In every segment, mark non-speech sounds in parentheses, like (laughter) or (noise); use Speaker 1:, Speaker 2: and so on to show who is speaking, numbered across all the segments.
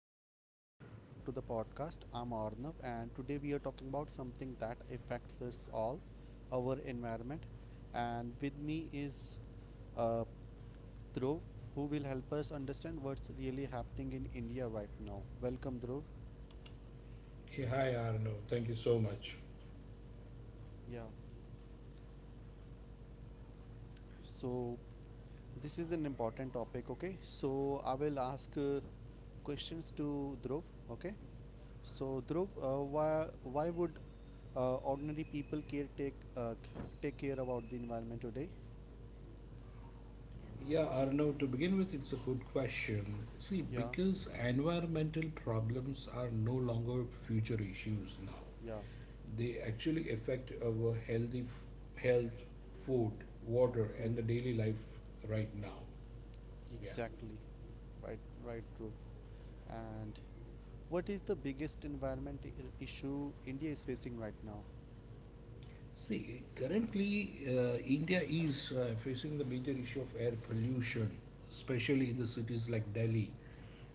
Speaker 1: Hello everyone, welcome back to the podcast. I'm Arnav, and today we are talking about something that affects us all, our environment. And with me is uh, Dhruv, who will help us understand what's really happening in India right now. Welcome, Dhruv.
Speaker 2: Hey, hi, Arno! Thank you so much.
Speaker 1: Yeah. So this is an important topic. Okay. So I will ask questions to Dhruv. Okay. So Dhruv, why would ordinary people take care about the environment today?
Speaker 2: Yeah, Arno, to begin with, it's a good
Speaker 1: So,
Speaker 2: question. See,
Speaker 1: yeah.
Speaker 2: because environmental problems are no longer future issues now,
Speaker 1: Yeah
Speaker 2: they actually affect our health,
Speaker 1: f-
Speaker 2: food, water,
Speaker 1: Hmm.
Speaker 2: and the daily life right now.
Speaker 1: Now,
Speaker 2: Yeah.
Speaker 1: exactly. Right, right, Dhruv. And what is the biggest issue India is facing right now?
Speaker 2: See, currently, India is facing the major issue of air pollution, especially in the cities like Delhi,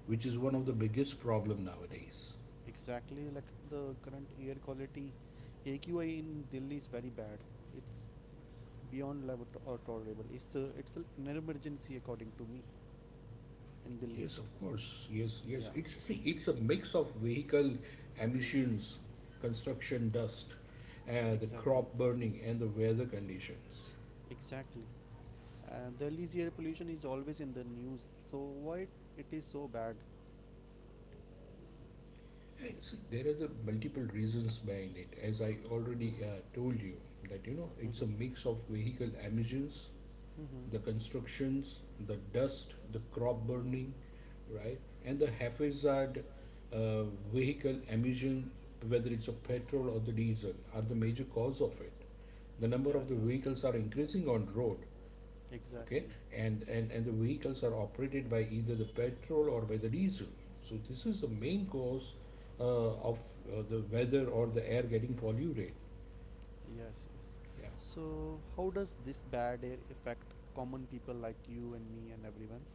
Speaker 2: which is one of the biggest problem nowadays.
Speaker 1: Exactly, like the current air quality, AQI in Delhi is very bad. It's beyond or tolerable. An emergency according to me in Delhi.
Speaker 2: Yes, of course. Yes, yes. It's see, it's a mix of vehicle emissions, construction dust, the crop burning, and the weather conditions.
Speaker 1: Exactly. The Delhi's air pollution is always in the news. So why it is so bad?
Speaker 2: See, there are the multiple reasons behind it. As I already
Speaker 1: Mhm.
Speaker 2: told you, that
Speaker 1: Mhm.
Speaker 2: it's a mix of vehicle emissions,
Speaker 1: Mhm. Mm.
Speaker 2: the constructions, the dust, the crop burning, right? And the haphazard uh, vehicle emission, whether it's a petrol or the diesel, are the major cause of it. The number
Speaker 1: Yeah,
Speaker 2: of the
Speaker 1: yeah.
Speaker 2: vehicles are increasing on road, okay,
Speaker 1: Exactly.
Speaker 2: and the vehicles are operated by either the petrol or by the diesel. So this is the main cause of the weather or the air getting polluted.
Speaker 1: Yes, yes.
Speaker 2: Yeah.
Speaker 1: So, how does this bad air affect common people like you and me and everyone?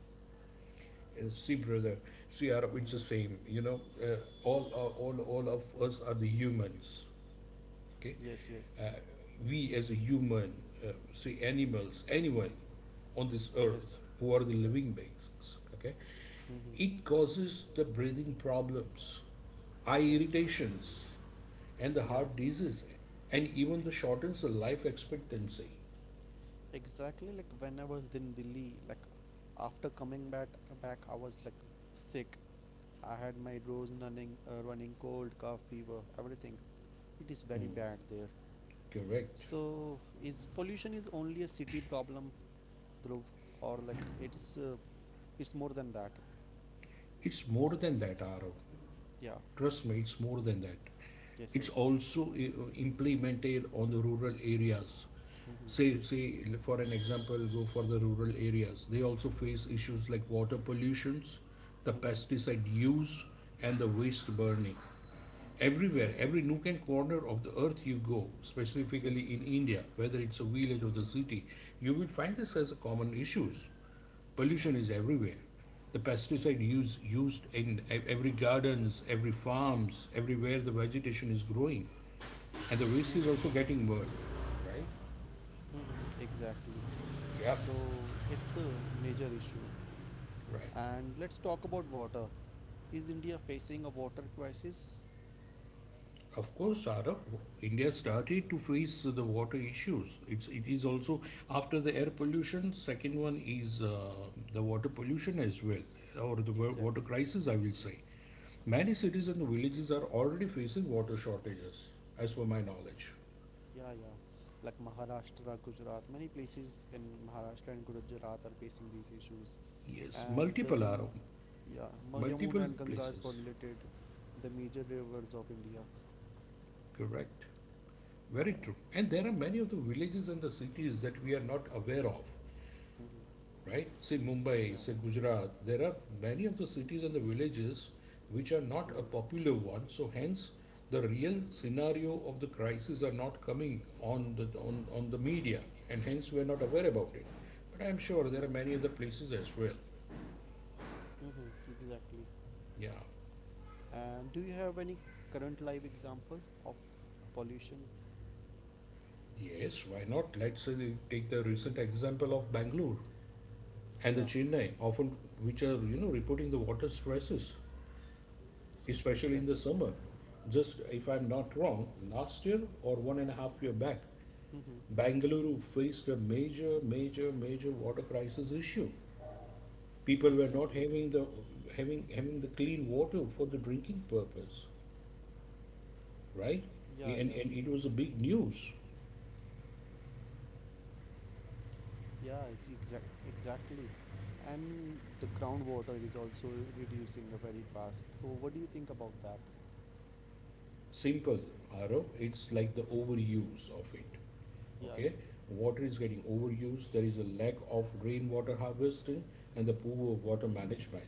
Speaker 2: See, brother, see, Arab, it's the same. All of us are the humans. Okay,
Speaker 1: Yes, yes.
Speaker 2: uh, we as a human, see, animals, anyone on this earth who are the living beings. Okay,
Speaker 1: Hmm.
Speaker 2: it causes the breathing problems, eye
Speaker 1: Yes.
Speaker 2: irritations, and the
Speaker 1: Yeah.
Speaker 2: heart disease, and even the shortens the life expectancy.
Speaker 1: Exactly. Like when I was in Delhi, like after coming back, I was like sick. I had my nose running cold, cough, fever, everything. It is very
Speaker 2: Hmm.
Speaker 1: bad there.
Speaker 2: Correct.
Speaker 1: So, is pollution is only a city problem, Dhruv, or like uh, it's more than that?
Speaker 2: It's more than that, Arav.
Speaker 1: Yeah.
Speaker 2: Trust me, it's more than that.
Speaker 1: Yes,
Speaker 2: It's
Speaker 1: yes.
Speaker 2: also implemented on the rural areas. Say,
Speaker 1: Mm-hmm.
Speaker 2: for an example, go for the rural areas. They also face issues like water pollutions, the pesticide use, and the waste burning. Everywhere, every nook and corner of the earth you go, specifically in India, whether it's a village or the
Speaker 1: Mhm.
Speaker 2: city, you will find this as a common issues.
Speaker 1: Right.
Speaker 2: Pollution is everywhere. The pesticide use used in every gardens, every farms, everywhere the vegetation is growing, and the waste is
Speaker 1: Mhm.
Speaker 2: also getting burned. Right?
Speaker 1: Hmm, exactly. Yeah.
Speaker 2: Yep.
Speaker 1: So it's a major issue.
Speaker 2: Right.
Speaker 1: And let's talk about water. Is India facing a water crisis?
Speaker 2: Of course, Saurabh, India
Speaker 1: Mhm.
Speaker 2: started to face the water issues. It is also after the air pollution. Second one is the water pollution as well, or the water
Speaker 1: Exactly.
Speaker 2: crisis, I will say. Many cities and villages are already facing water shortages, as per my knowledge.
Speaker 1: Yeah, yeah. Like Maharashtra, Gujarat, many places in Maharashtra and Gujarat are facing these issues.
Speaker 2: Yes,
Speaker 1: And the Yam yeah, Yamuna
Speaker 2: multiple
Speaker 1: and Ganga are
Speaker 2: places.
Speaker 1: correlated, the major rivers of India.
Speaker 2: Correct. Very
Speaker 1: Yeah.
Speaker 2: true. And there are many of the villages and the cities that we are not aware of,
Speaker 1: Hmm.
Speaker 2: right? Say Mumbai,
Speaker 1: Yeah.
Speaker 2: say Gujarat. There are many of the cities and the villages which are not a popular one. So hence, the real scenario of the crisis are not coming on the media, and hence we are not aware about it. But I am sure there are many other places as well.
Speaker 1: Hmm, exactly.
Speaker 2: Yeah.
Speaker 1: And do you have any current live example of pollution?
Speaker 2: Yes, why not? Let's say they take the recent example of Bangalore, and the Chennai, often which are reporting the water stresses, especially in the
Speaker 1: Exactly.
Speaker 2: summer. Just if I'm not wrong, last year or 1.5 year back,
Speaker 1: Hmm.
Speaker 2: Bangalore faced a major, major, major water crisis issue. People were not having the having having the clean water for the drinking purpose, right?
Speaker 1: Yeah.
Speaker 2: And it was a big news.
Speaker 1: Yeah, exactly. And the groundwater is also reducing very fast. So what do you think about that?
Speaker 2: Simple, Arav. It's like the
Speaker 1: Mhm.
Speaker 2: overuse of it.
Speaker 1: Yeah,
Speaker 2: Okay,
Speaker 1: yeah.
Speaker 2: water is getting
Speaker 1: Mm.
Speaker 2: overused. There is a lack of rainwater harvesting and the poor water management.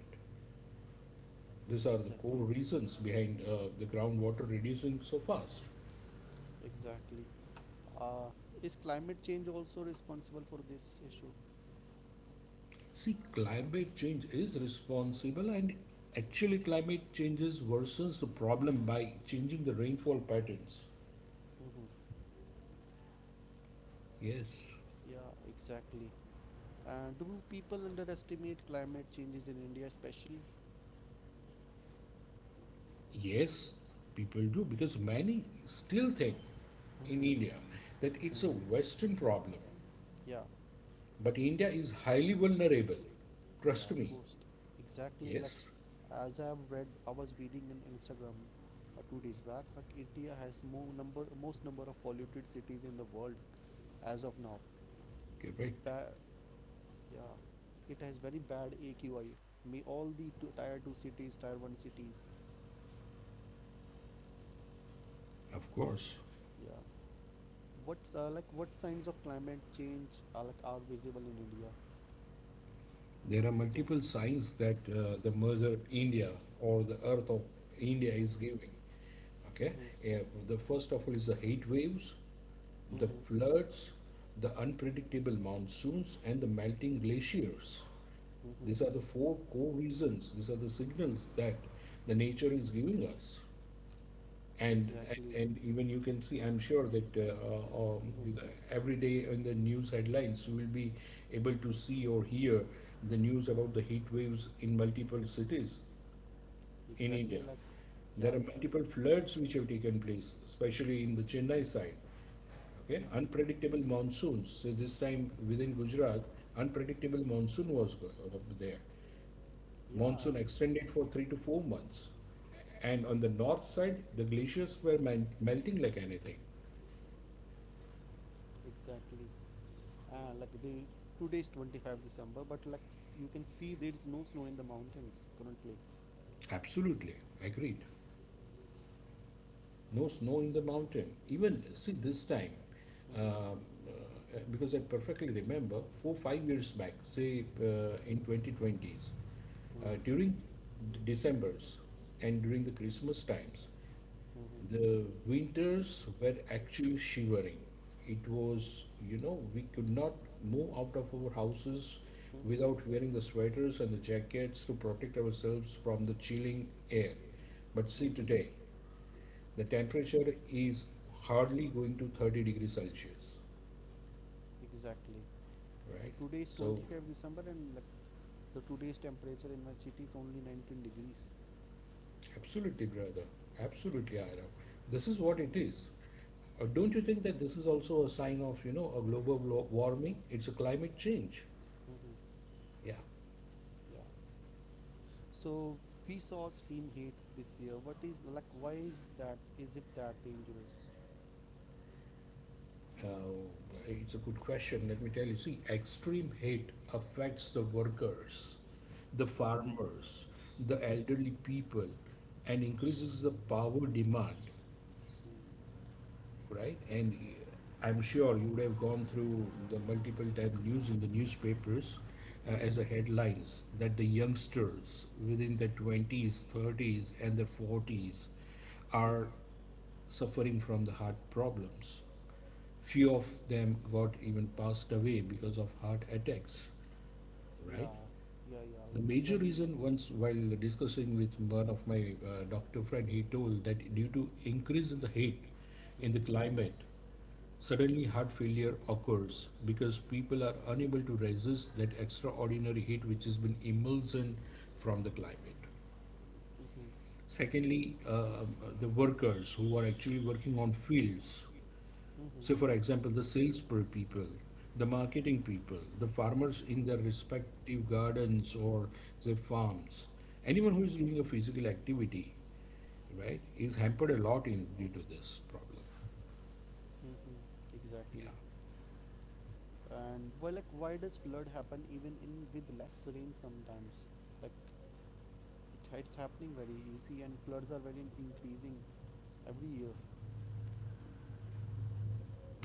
Speaker 2: These are the core
Speaker 1: Exactly.
Speaker 2: reasons behind the groundwater reducing so fast.
Speaker 1: Exactly. Uh, is climate change also responsible for this issue?
Speaker 2: See, climate change is responsible, and actually, climate changes worsens the problem by changing the rainfall patterns.
Speaker 1: Mm-hmm.
Speaker 2: Yes.
Speaker 1: Yeah, exactly. And do people underestimate climate changes in India, especially?
Speaker 2: Yes, people do because many still think in India
Speaker 1: Mm-hmm.
Speaker 2: that it's a
Speaker 1: Mm.
Speaker 2: Western problem,
Speaker 1: Yeah,
Speaker 2: but India is highly vulnerable.
Speaker 1: yeah,
Speaker 2: Trust me.
Speaker 1: most exactly. Like,
Speaker 2: Yes,
Speaker 1: as I've read, I was reading on Instagram 2 days back. Like, India has more number, most number of polluted cities in the world as of now. The
Speaker 2: correct.
Speaker 1: ba- yeah, it has very bad AQI. May all the two, tier two cities, tier one cities.
Speaker 2: Of course.
Speaker 1: Yeah. What's Like what signs of climate change are visible in India?
Speaker 2: There are multiple signs that the Mother India or the Earth of India is giving. Okay, the first of all is the heat waves, the floods, the unpredictable monsoons, and the melting glaciers.
Speaker 1: Mm-hmm,
Speaker 2: These are the four core reasons. These are the signals that the nature is giving us.
Speaker 1: and
Speaker 2: And,
Speaker 1: exactly,
Speaker 2: and even you can see, I'm sure that every day in the news headlines, you will be able to see or hear the news about the heat waves in multiple cities in
Speaker 1: exactly,
Speaker 2: India. There
Speaker 1: yeah,
Speaker 2: are multiple
Speaker 1: the.
Speaker 2: floods which have taken place, especially in the Chennai side. Okay,
Speaker 1: Mhm.
Speaker 2: unpredictable
Speaker 1: And
Speaker 2: monsoons. So this time within Gujarat, unpredictable monsoon was there.
Speaker 1: yeah,
Speaker 2: Monsoon extended for 3 to 4 months. And
Speaker 1: it,
Speaker 2: on the north side, the glaciers were melting like anything.
Speaker 1: exactly. Like the today is 25 December, but like you can see there is no snow in the mountains currently.
Speaker 2: Absolutely, agreed. No
Speaker 1: Yes.
Speaker 2: snow in the mountain. Even, see, this time,
Speaker 1: Mhm.
Speaker 2: um, because I perfectly remember 4, 5 years back, say in 2020s,
Speaker 1: Mm,
Speaker 2: during December's and during the Christmas times.
Speaker 1: mhm.
Speaker 2: The winters were actually shivering. It was, we could not move out of our houses without wearing the sweaters and the jackets to protect ourselves from the chilling air. But see today, the temperature is hardly going to 30 degrees Celsius,
Speaker 1: Exactly.
Speaker 2: right?
Speaker 1: And today is
Speaker 2: So,
Speaker 1: 25 December, and like the today's temperature in my city is only 19 degrees.
Speaker 2: absolutely, brother, absolutely,
Speaker 1: It's.
Speaker 2: Aram. This is what it is.
Speaker 1: Mhm.
Speaker 2: Don't you think that this is also a sign of, a global warming? It's a climate change.
Speaker 1: Mm-hmm.
Speaker 2: Yeah.
Speaker 1: Yeah. So we saw extreme heat this year. What is like why is that is it that dangerous?
Speaker 2: Uh, it's a good question. Let me tell you. See, extreme heat affects the workers, the
Speaker 1: Mm-hmm.
Speaker 2: farmers, the
Speaker 1: Mm-hmm.
Speaker 2: elderly people, and increases the power demand, right? And I'm sure you would have gone through the multiple time news in the newspapers as
Speaker 1: Mhm.
Speaker 2: a headlines that the youngsters within the 20s, 30s, and the 40s are suffering from the heart problems. Few of them got even passed away because of heart attacks,
Speaker 1: Yeah,
Speaker 2: right?
Speaker 1: yeah, yeah.
Speaker 2: The
Speaker 1: It's.
Speaker 2: major reason, once while discussing with one of my doctor friend, he told that due to increase in the heat in the
Speaker 1: Mhm,
Speaker 2: climate, suddenly, heart failure occurs because people are unable to resist that extraordinary heat which has been emulsion from the climate.
Speaker 1: mhm,
Speaker 2: Secondly, the workers who are actually working on fields,
Speaker 1: mhm,
Speaker 2: say for example, the sales people, the marketing people, the farmers in their respective gardens or their farms, anyone who is doing a physical activity, right, is hampered a lot in due to this problem.
Speaker 1: mhm.
Speaker 2: Yeah.
Speaker 1: Exactly. And why does flood happen even in with less rain sometimes? Like it it's happening very easy, and floods are very increasing every year.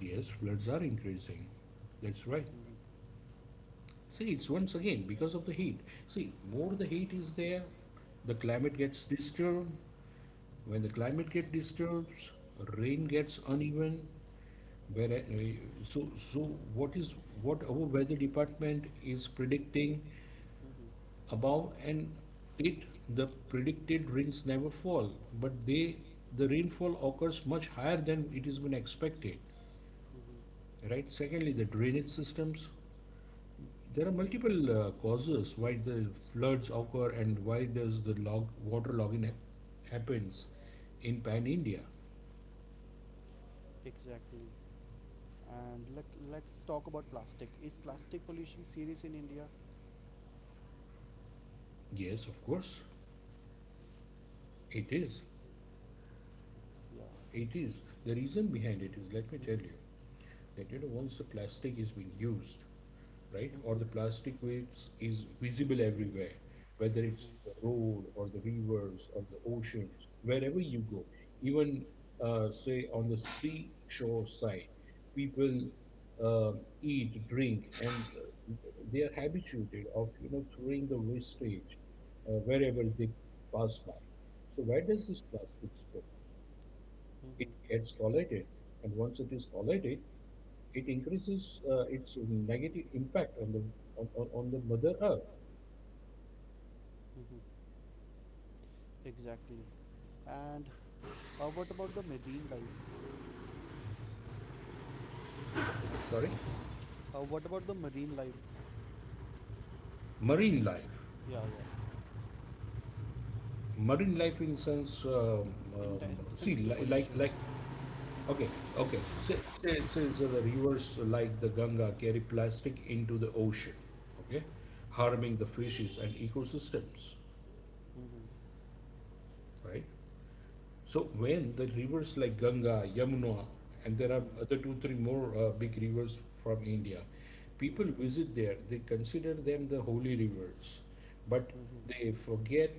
Speaker 2: Yes, floods are increasing. That's right.
Speaker 1: Mhm.
Speaker 2: See, it's once again because of the heat. See, more the heat is there, the climate gets disturbed. When the climate gets disturbed, rain
Speaker 1: Mhm,
Speaker 2: gets
Speaker 1: mhm.
Speaker 2: uneven. Where
Speaker 1: Mhm.
Speaker 2: so so what is what our weather department is predicting
Speaker 1: Mm-hmm.
Speaker 2: above, and it the predicted rains never fall, but the rainfall occurs much higher than it has been expected.
Speaker 1: Hmm,
Speaker 2: Right. Secondly, the drainage systems. There are multiple causes why the floods occur and why does the log water logging happens in pan India.
Speaker 1: exactly. And like, let's talk about plastic. Is plastic pollution serious in India?
Speaker 2: Yes, of course, it is.
Speaker 1: Yeah.
Speaker 2: It is. The reason behind it is, let me tell
Speaker 1: Mhm.
Speaker 2: you, that once the plastic is being used, right, or the plastic waste is visible everywhere, whether it's
Speaker 1: Mhm.
Speaker 2: the road or the rivers or the oceans, wherever you go, even say on the seashore side, people uh, eat, drink, and they are habituated of throwing the wastage wherever they pass by. So where does this plastic go? It
Speaker 1: Mm-hmm.
Speaker 2: gets collated, and once it is collated, it increases its negative impact on the mother earth.
Speaker 1: Mm-hmm. Exactly. And what about the marine life?
Speaker 2: Sorry.
Speaker 1: What about the marine life?
Speaker 2: marine life
Speaker 1: Yeah, yeah.
Speaker 2: marine life in sense, see,
Speaker 1: Sense.
Speaker 2: like, okay okay, say, so the rivers like the Ganga carry plastic into the ocean, okay, harming the fishes and ecosystems,
Speaker 1: Mm-hmm.
Speaker 2: right. So when the rivers like Ganga, Yamuna, and there are other two, three more big rivers from India, people visit there. They consider them the holy rivers, but they forget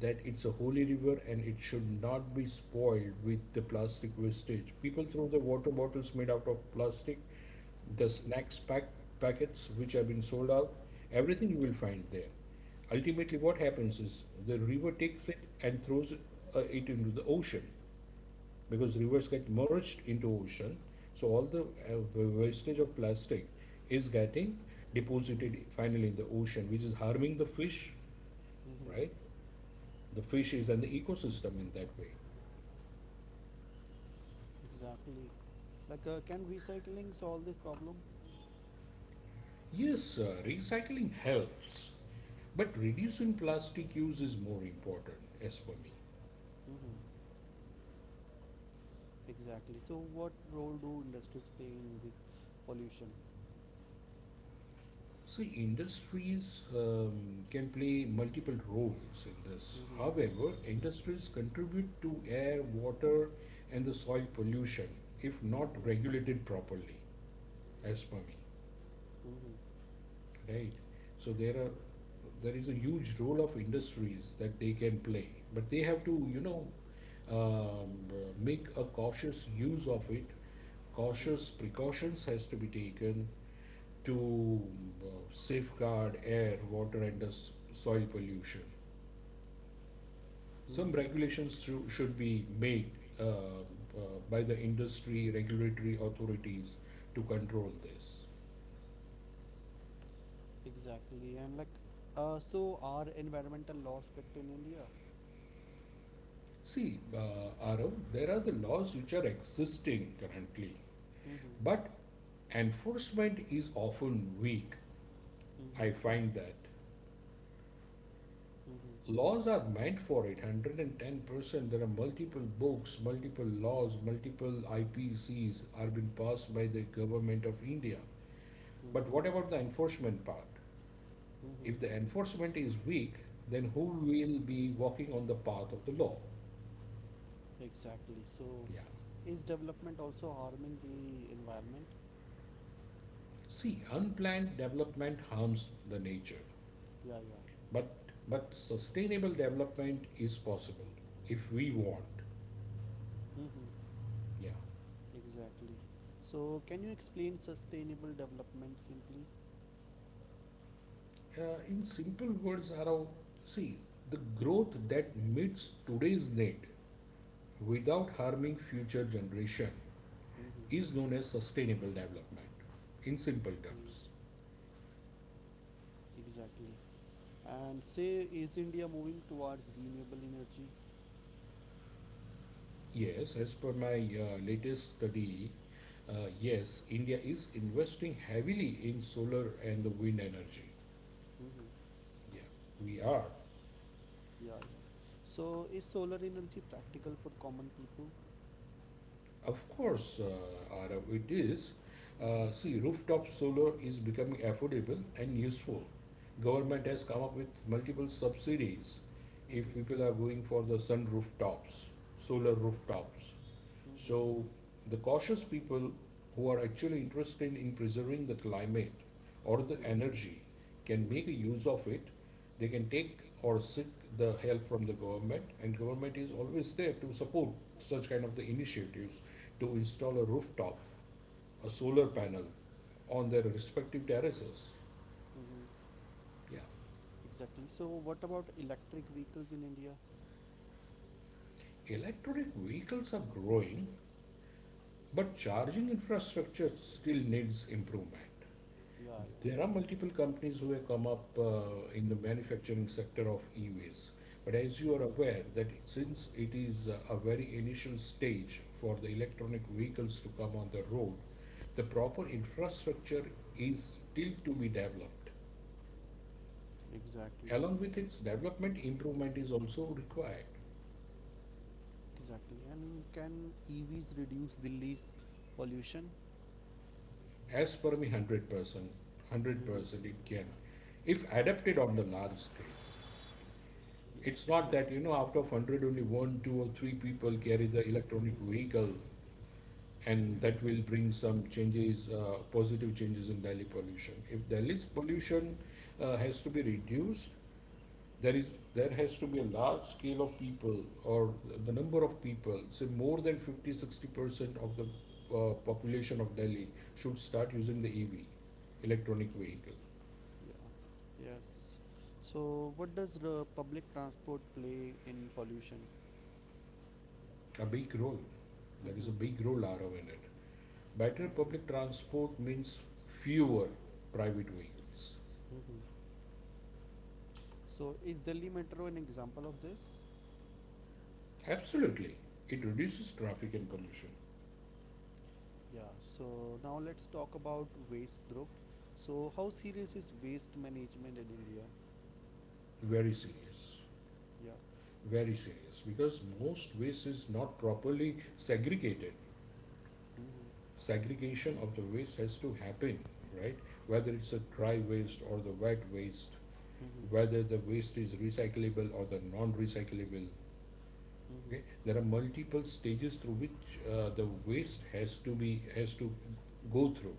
Speaker 2: that it's a holy river and it should not be spoiled with the plastic wastage. People throw the water bottles made out of plastic, the snacks packets which have been sold out, everything you will find there. Ultimately what happens is the river takes it and throws it into the ocean, because rivers get merged into ocean. So all the wastage of plastic is getting
Speaker 1: Mhm.
Speaker 2: deposited finally in the ocean, which is harming the fish,
Speaker 1: Mm-hmm.
Speaker 2: right, the fishes and the ecosystem in that way.
Speaker 1: Exactly. Like, can recycling solve this problem?
Speaker 2: Yes, recycling helps, but reducing plastic use is more important as for me.
Speaker 1: Mm-hmm. Exactly. So, what role do industries play in this pollution?
Speaker 2: See, industries can play multiple roles in this.
Speaker 1: Mhm.
Speaker 2: However, industries contribute to air, water, and the soil pollution if not
Speaker 1: Mhm.
Speaker 2: regulated properly, as per me,
Speaker 1: Mm-hmm. Right?
Speaker 2: right? So there is a huge role of industries that they can play, but they have to, um, make a cautious use of it. Cautious precautions has to be taken to safeguard air, water, and the soil pollution. Some regulations should be made uh, by the industry regulatory authorities to control this.
Speaker 1: Exactly. And like, so are environmental laws strict in India?
Speaker 2: See, Arav, there are the laws which are existing currently,
Speaker 1: Mm-hmm.
Speaker 2: but enforcement is often weak. I
Speaker 1: Mm-hmm.
Speaker 2: find that.
Speaker 1: Mm-hmm. Mm-hmm.
Speaker 2: Laws are meant for it 110%. There are multiple books, multiple laws, multiple IPCs are being passed by the government of India. But what about the enforcement part?
Speaker 1: Mm-hmm.
Speaker 2: If the enforcement is weak, then who will be walking on the path of the law?
Speaker 1: Exactly. So,
Speaker 2: Yeah.
Speaker 1: is development also harming the environment?
Speaker 2: See, unplanned development harms the nature,
Speaker 1: Yeah, yeah.
Speaker 2: but but sustainable development is possible if we want.
Speaker 1: Mm-hmm.
Speaker 2: Yeah.
Speaker 1: Exactly. So, can you explain sustainable development simply?
Speaker 2: In simple words, Arav, see, the growth that meets today's need without harming future generation is
Speaker 1: Mm-hmm.
Speaker 2: known as sustainable development. In simple
Speaker 1: Mm.
Speaker 2: terms,
Speaker 1: Exactly. And say, is India moving towards renewable energy?
Speaker 2: yes, as per my latest study, yes, India is investing heavily in solar and the wind energy.
Speaker 1: Mm-hmm.
Speaker 2: Yeah, we are.
Speaker 1: Yeah, yeah. So, is solar energy practical for common people?
Speaker 2: Of course, Arav, it is. See,
Speaker 1: Mm-hmm.
Speaker 2: rooftop solar is becoming affordable and useful. Government has come up with multiple subsidies if
Speaker 1: Mm-hmm.
Speaker 2: people are going for the sun
Speaker 1: Mm-hmm.
Speaker 2: rooftops, solar rooftops.
Speaker 1: Mhm.
Speaker 2: So, the cautious people who are actually
Speaker 1: Mhm.
Speaker 2: interested in preserving the climate or the energy can make a
Speaker 1: Mhm.
Speaker 2: use of it. They can take or seek the help from the government, and government is always there to support such kind of the initiatives to install a rooftop, a solar
Speaker 1: Mhm.
Speaker 2: panel on their respective terraces.
Speaker 1: Mhm.
Speaker 2: Yeah.
Speaker 1: Exactly. So what about electric vehicles in India?
Speaker 2: Electric vehicles are growing, but charging infrastructure still needs improvement.
Speaker 1: Yeah, yeah.
Speaker 2: There are multiple companies who have come up in the manufacturing sector of e-waste. But as you are aware that
Speaker 1: Hmm.
Speaker 2: since it is a very initial stage for the electronic vehicles to come on the road, the proper infrastructure is still to be developed.
Speaker 1: exactly
Speaker 2: Along with its development, improvement is also required.
Speaker 1: exactly, and can EVs reduce Delhi's pollution?
Speaker 2: As per me, 100%,
Speaker 1: Hmm,
Speaker 2: 100% it can, if adapted on the large scale.
Speaker 1: yes.
Speaker 2: It's
Speaker 1: It's
Speaker 2: not that, you
Speaker 1: exactly.
Speaker 2: know, out of 100, only one, two, or three people carry the electronic vehicle,
Speaker 1: Hmm.
Speaker 2: and that will bring some changes, positive changes in Delhi pollution. If Delhi's pollution has to be reduced, there is there has to be a large scale of people or the number of people, say more than 50, 60% of the population of Delhi should start using the EV, electronic vehicle.
Speaker 1: Yeah, yes. So, what does the public transport play in pollution?
Speaker 2: A big role. There is a
Speaker 1: Mm-hmm.
Speaker 2: big role RO in it. Better public
Speaker 1: Mm-hmm.
Speaker 2: transport means fewer private vehicles.
Speaker 1: Mm-hmm. So, is Delhi Metro an example of this?
Speaker 2: Absolutely. It reduces traffic and pollution.
Speaker 1: Yeah, so now let's talk about waste, Dhruv. So, how serious is waste management in India?
Speaker 2: Very serious.
Speaker 1: Yeah.
Speaker 2: Very serious. Because most waste is not properly segregated.
Speaker 1: Hmm.
Speaker 2: Segregation of the waste has to happen, right? Whether it's a dry waste or the wet waste,
Speaker 1: Hmm.
Speaker 2: whether the waste is recyclable or the non recyclable.
Speaker 1: Hmm.
Speaker 2: Okay? There are multiple stages through which the waste has to be has to go through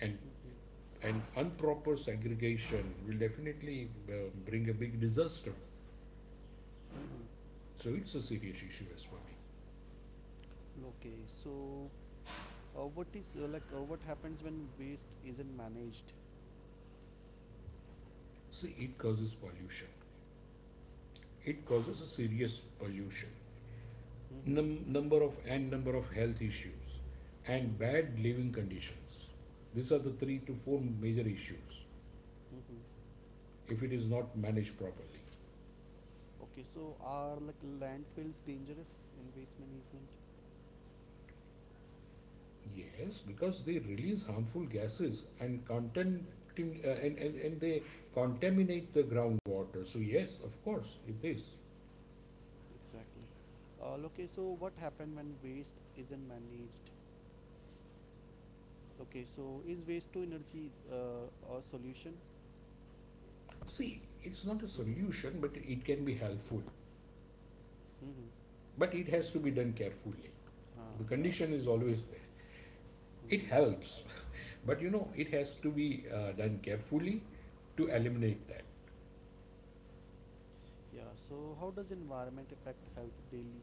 Speaker 2: and and improper segregation will definitely bring a big disaster.
Speaker 1: Hmm. Hmm.
Speaker 2: So it's a serious issue as for me.
Speaker 1: Okay, so what is like what happens when waste isn't managed?
Speaker 2: See, it causes pollution. It causes a serious pollution.
Speaker 1: Mm-hmm.
Speaker 2: Number of
Speaker 1: Hmm.
Speaker 2: and number of health issues and
Speaker 1: Hmm.
Speaker 2: bad living conditions. These are the three to four major issues
Speaker 1: Mm-hmm.
Speaker 2: if it is not managed properly.
Speaker 1: Okay, so are like landfills dangerous in waste management?
Speaker 2: Yes, because they release harmful gases and content and they contaminate the groundwater. So yes, of course, it is.
Speaker 1: Exactly. Okay, so what happened when waste isn't managed? Okay, so is waste to energy a solution?
Speaker 2: See, it's not a
Speaker 1: Mhm.
Speaker 2: solution, but it can be helpful.
Speaker 1: Mm-hmm.
Speaker 2: But it has to be done carefully.
Speaker 1: Huh,
Speaker 2: The
Speaker 1: yeah.
Speaker 2: condition is always there. It
Speaker 1: Mm-hmm.
Speaker 2: helps, (laughs) but you know, it has to be done carefully to eliminate that.
Speaker 1: Mm-hmm. Yeah, so how does environment affect health daily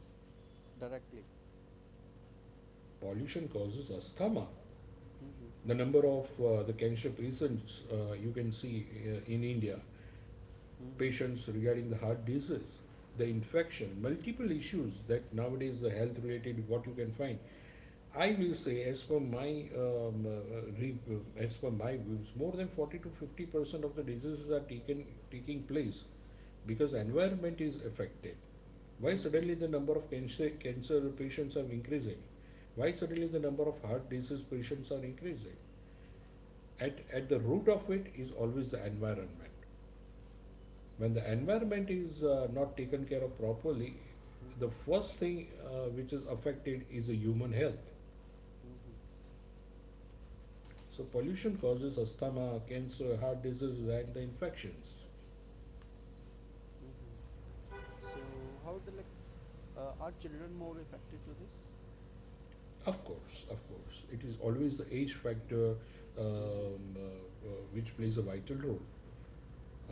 Speaker 1: directly?
Speaker 2: Pollution causes asthma.
Speaker 1: Mm-hmm.
Speaker 2: The number of the cancer patients you can see in India,
Speaker 1: Mm-hmm.
Speaker 2: patients
Speaker 1: Mm-hmm.
Speaker 2: regarding the heart disease, the infection, multiple issues that nowadays the health related what you can find I will say, as per my as per my views, more than 40 to 50% of the diseases are taken taking place because environment is affected. Why suddenly the number of cancer patients are increasing? Why suddenly the number of heart disease patients are increasing? At the root of it is always the environment. When the
Speaker 1: Exactly.
Speaker 2: environment is not taken care of properly, the first
Speaker 1: Mm-hmm.
Speaker 2: thing which is affected is the human health.
Speaker 1: Mm-hmm.
Speaker 2: So pollution causes asthma, cancer, heart diseases, and the infections.
Speaker 1: Mm-hmm. So how do like are children more affected to this?
Speaker 2: Of
Speaker 1: Of.
Speaker 2: course, it is always the age factor which plays a vital role.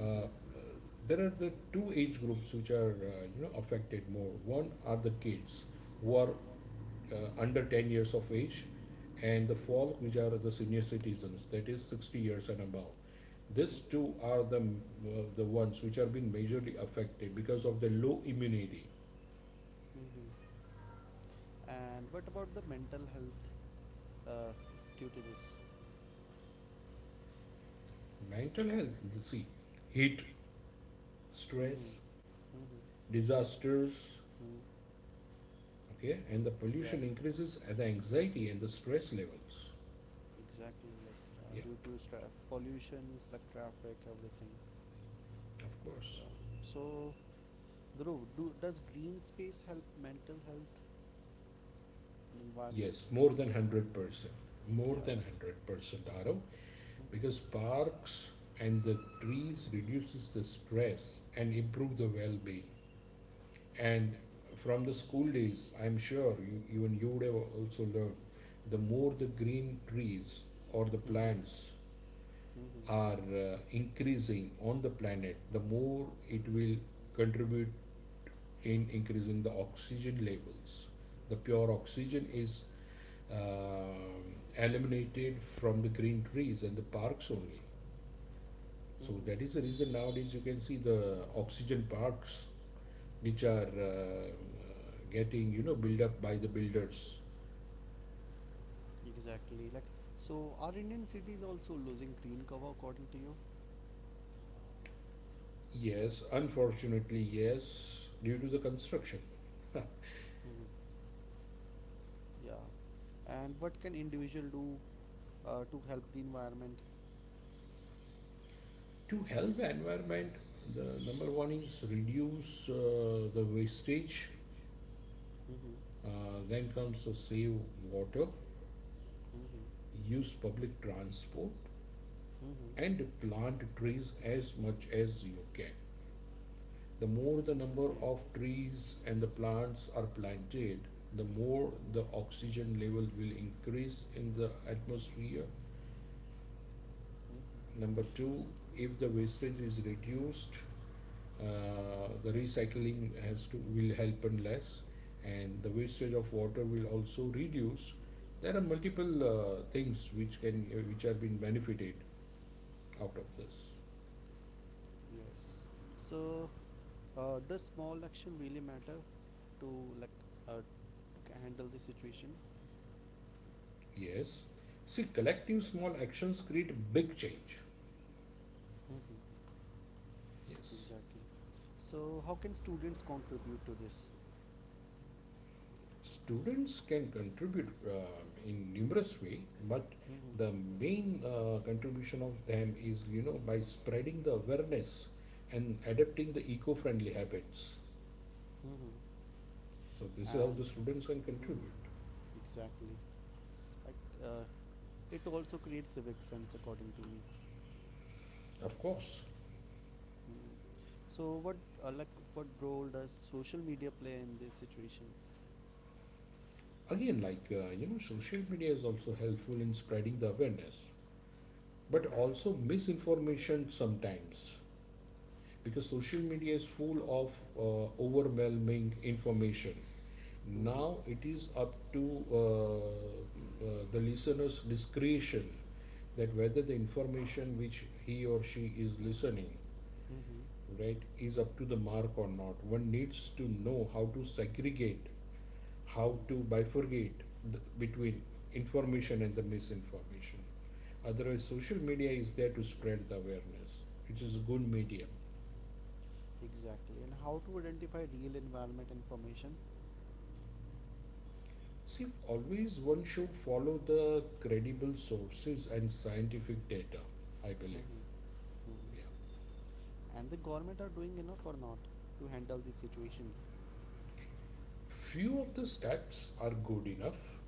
Speaker 2: Uh, uh,
Speaker 1: Which.
Speaker 2: there are the two age groups which are you know affected more. One are the kids who are under 10 years of age, and the folk which are the senior citizens, that is 60 years and above. These two are the ones which are being majorly affected because of the low immunity.
Speaker 1: Mm-hmm. These two are the, because. Mm-hmm. And what about the mental health uh, due to this?
Speaker 2: Mental health, you see, heat,
Speaker 1: Mm-hmm. Stress.
Speaker 2: stress,
Speaker 1: Mm-hmm.
Speaker 2: disasters,
Speaker 1: Mm.
Speaker 2: okay, and the
Speaker 1: Yeah,
Speaker 2: pollution increases at the anxiety and the stress levels.
Speaker 1: exactly. Like,
Speaker 2: Yeah,
Speaker 1: due to pollutions, like traffic, everything.
Speaker 2: of course.
Speaker 1: Yeah. So, Dhruv, do does green space help mental health and environment?
Speaker 2: Yes, more than 100%, more than 100%, Arav, because parks and the trees reduces the stress and improve the well-being. And from the school days, I'm sure you, even you would have also learned, the more the green trees or the plants
Speaker 1: Hmm.
Speaker 2: are increasing on the planet, the more it will contribute in increasing the oxygen levels. The pure oxygen is eliminated from the green trees and the parks only. So that is the reason
Speaker 1: Mm-hmm.
Speaker 2: nowadays you can see the oxygen parks which are getting you know built up by the builders.
Speaker 1: Exactly. Like, so are Indian cities also losing green cover according to you?
Speaker 2: Yes, unfortunately, yes, due to the construction.
Speaker 1: (laughs) Now. Mm-hmm. Yeah. And what can individual do to help the environment?
Speaker 2: To help the environment, the number one is reduce the wastage.
Speaker 1: Mm-hmm.
Speaker 2: Then comes save water,
Speaker 1: Mm-hmm.
Speaker 2: use public transport,
Speaker 1: Mm-hmm.
Speaker 2: and plant trees as much as you can. The more the number
Speaker 1: Okay.
Speaker 2: of trees and the plants are planted, the more the oxygen level will increase in the atmosphere.
Speaker 1: Mhm.
Speaker 2: Number two, if the wastage is reduced, the recycling has to will help and less, and the wastage of water will also reduce. There are multiple things which can which have been benefited out of this.
Speaker 1: Yes. So, does small action really matter to, like, to handle the situation?
Speaker 2: Yes, see, collective small actions create big change.
Speaker 1: Mm-hmm.
Speaker 2: Yes,
Speaker 1: Exactly. So, how can students contribute to this?
Speaker 2: students can contribute in numerous way, but
Speaker 1: Mm-hmm.
Speaker 2: the main contribution of them is you know by spreading the awareness and adapting the eco-friendly habits.
Speaker 1: Mm-hmm. So.
Speaker 2: So this is how the
Speaker 1: And.
Speaker 2: students can contribute.
Speaker 1: Mhm. Exactly. Like, it also creates civic sense, according to me.
Speaker 2: Of course.
Speaker 1: Mm. So what role does social media play in this situation?
Speaker 2: Again, like you know, social media is also helpful in spreading the awareness, but also
Speaker 1: Mm-hmm.
Speaker 2: misinformation sometimes because social media is full of overwhelming information.
Speaker 1: Mm-hmm.
Speaker 2: Now it is up to the listener's discretion that whether the information which he or she is listening
Speaker 1: Mm-hmm.
Speaker 2: right is up to the mark or not. One needs to know how to segregate, how to bifurcate the, between information and the misinformation. Otherwise, social media is there to spread the awareness, which is a good medium.
Speaker 1: Exactly. And how to identify real environment information?
Speaker 2: See, always one should follow the credible sources and scientific data, I believe.
Speaker 1: Mm-hmm.
Speaker 2: Yeah.
Speaker 1: Mm-hmm. And the government are doing enough or not to handle the situation?
Speaker 2: Few of the stats are good enough,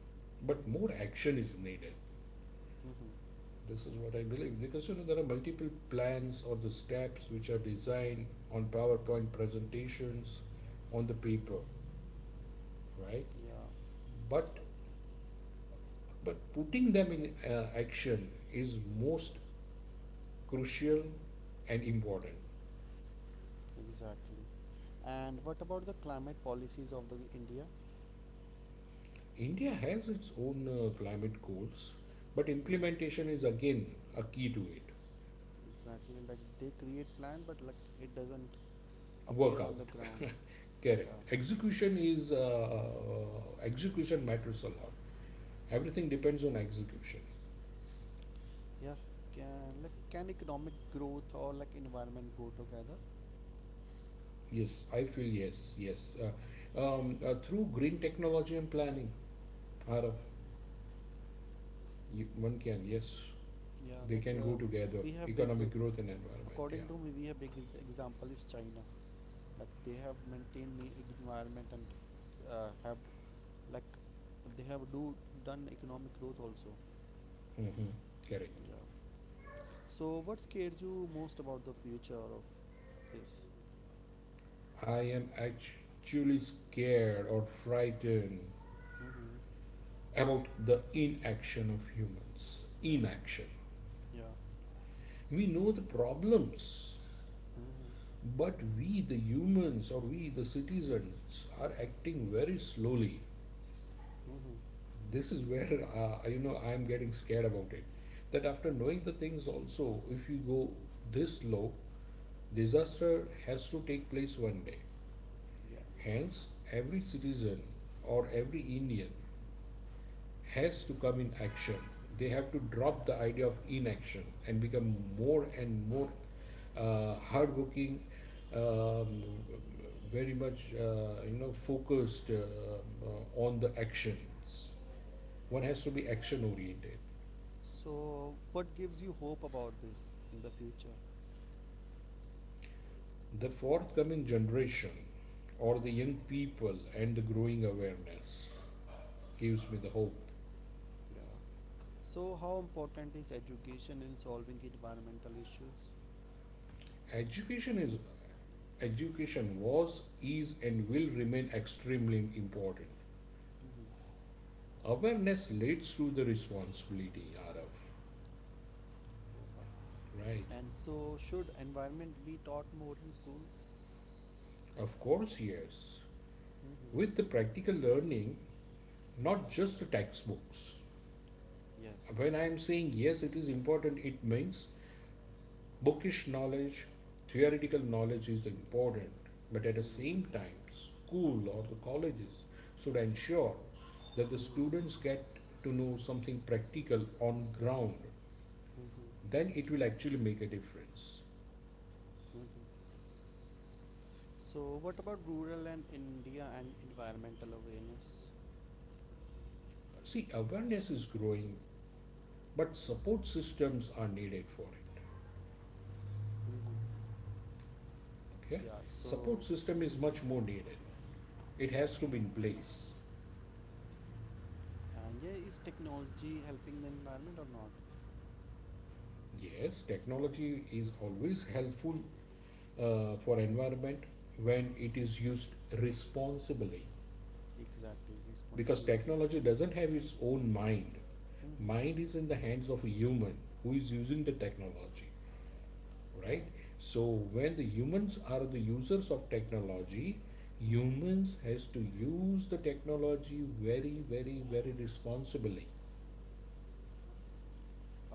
Speaker 2: but more action is needed.
Speaker 1: Mm-hmm. Right?
Speaker 2: This is what I believe because you know there are multiple plans or the steps which are designed on PowerPoint presentations, on the paper, right?
Speaker 1: Yeah,
Speaker 2: But but putting them in action is most crucial and important.
Speaker 1: exactly. And what about the climate policies of the India?
Speaker 2: India has its own climate goals, but implementation is again a key to it.
Speaker 1: It. Exactly, like they create plan, but like it doesn't
Speaker 2: Work out
Speaker 1: appear on the ground. (laughs)
Speaker 2: correct. Execution is execution matters a lot. Everything depends on execution.
Speaker 1: Yeah, can economic growth or like environment go together?
Speaker 2: Yes, I feel yes, yes. Through green technology and planning, Arav, you, one can yes.
Speaker 1: Yeah,
Speaker 2: They can
Speaker 1: like
Speaker 2: go together,
Speaker 1: we have big
Speaker 2: economic
Speaker 1: exa-
Speaker 2: growth and environment. Yeah.
Speaker 1: economic growth, and according to me, we have big example is China. Like they have maintained the environment and have like they have do done economic growth also.
Speaker 2: Hmm, correct.
Speaker 1: Yeah. So what scares you most about the future of this?
Speaker 2: I am actually scared or frightened
Speaker 1: Mm-hmm.
Speaker 2: about the inaction of humans, inaction.
Speaker 1: Yeah.
Speaker 2: We know the problems,
Speaker 1: Mm-hmm.
Speaker 2: but we the humans or we the citizens are acting very slowly.
Speaker 1: Mm-hmm.
Speaker 2: This is where (laughs) you know I'm getting scared about it, that after knowing the things also if we go this low, disaster has to take place one day.
Speaker 1: Yeah.
Speaker 2: Hence, every citizen or every Indian has to come in action. They have to drop the idea of inaction and become more and more hardworking, um, very much you know focused on the actions. One has to be action oriented.
Speaker 1: So, what gives you hope about this in the future?
Speaker 2: The forthcoming generation, or the young people, and the growing awareness gives me the hope.
Speaker 1: Yeah. So, how important is education in solving environmental issues?
Speaker 2: Education is Education was, is, and will remain extremely important.
Speaker 1: Hmm.
Speaker 2: Awareness leads to the responsibility, Arav. Right.
Speaker 1: Yeah. And so, should environment be taught more in schools?
Speaker 2: Of course, yes. With the
Speaker 1: Hmm.
Speaker 2: practical learning, not just the textbooks.
Speaker 1: Yes.
Speaker 2: When I am saying yes, it is important, it means bookish knowledge, theoretical
Speaker 1: Hmm.
Speaker 2: knowledge is important. But at the
Speaker 1: Hmm.
Speaker 2: same time, school or the colleges should
Speaker 1: That
Speaker 2: ensure that the
Speaker 1: the. Hmm.
Speaker 2: students get to know something practical on ground,
Speaker 1: Mm-hmm.
Speaker 2: then it will actually make a difference.
Speaker 1: Mm-hmm. So, what about rural and India and environmental awareness?
Speaker 2: See, awareness is growing, but support systems are needed for it.
Speaker 1: Mm-hmm.
Speaker 2: Okay?
Speaker 1: Yeah,
Speaker 2: Support
Speaker 1: so,
Speaker 2: system is
Speaker 1: mm-hmm,
Speaker 2: much more needed. It has to be in place.
Speaker 1: and yeah, is technology helping the environment or not?
Speaker 2: Yes, technology is always helpful for environment when it is used responsibly,
Speaker 1: Exactly,
Speaker 2: because
Speaker 1: responsibility,
Speaker 2: technology
Speaker 1: responsibilities.
Speaker 2: doesn't have its own mind. Mind is
Speaker 1: Mm-hmm.
Speaker 2: in the hands of a human who is using the technology, right?
Speaker 1: Yeah.
Speaker 2: So when the humans are the users of technology, humans
Speaker 1: Mm-hmm.
Speaker 2: has to use the technology very, very, very responsibly.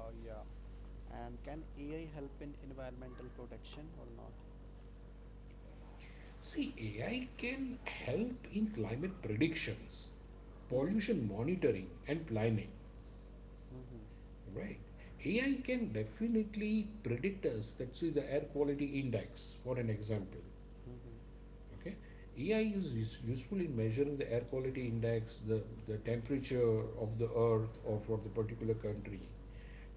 Speaker 1: Oh yeah. And can AI help in environmental protection or not?
Speaker 2: See, AI can help in climate predictions, pollution monitoring, and planning,
Speaker 1: Mm-hmm.
Speaker 2: right? AI can definitely predict us, let's see the air quality index, for an example.
Speaker 1: Mm-hmm.
Speaker 2: Okay. EI is useful in measuring the air quality index, the temperature of the earth or for the particular country.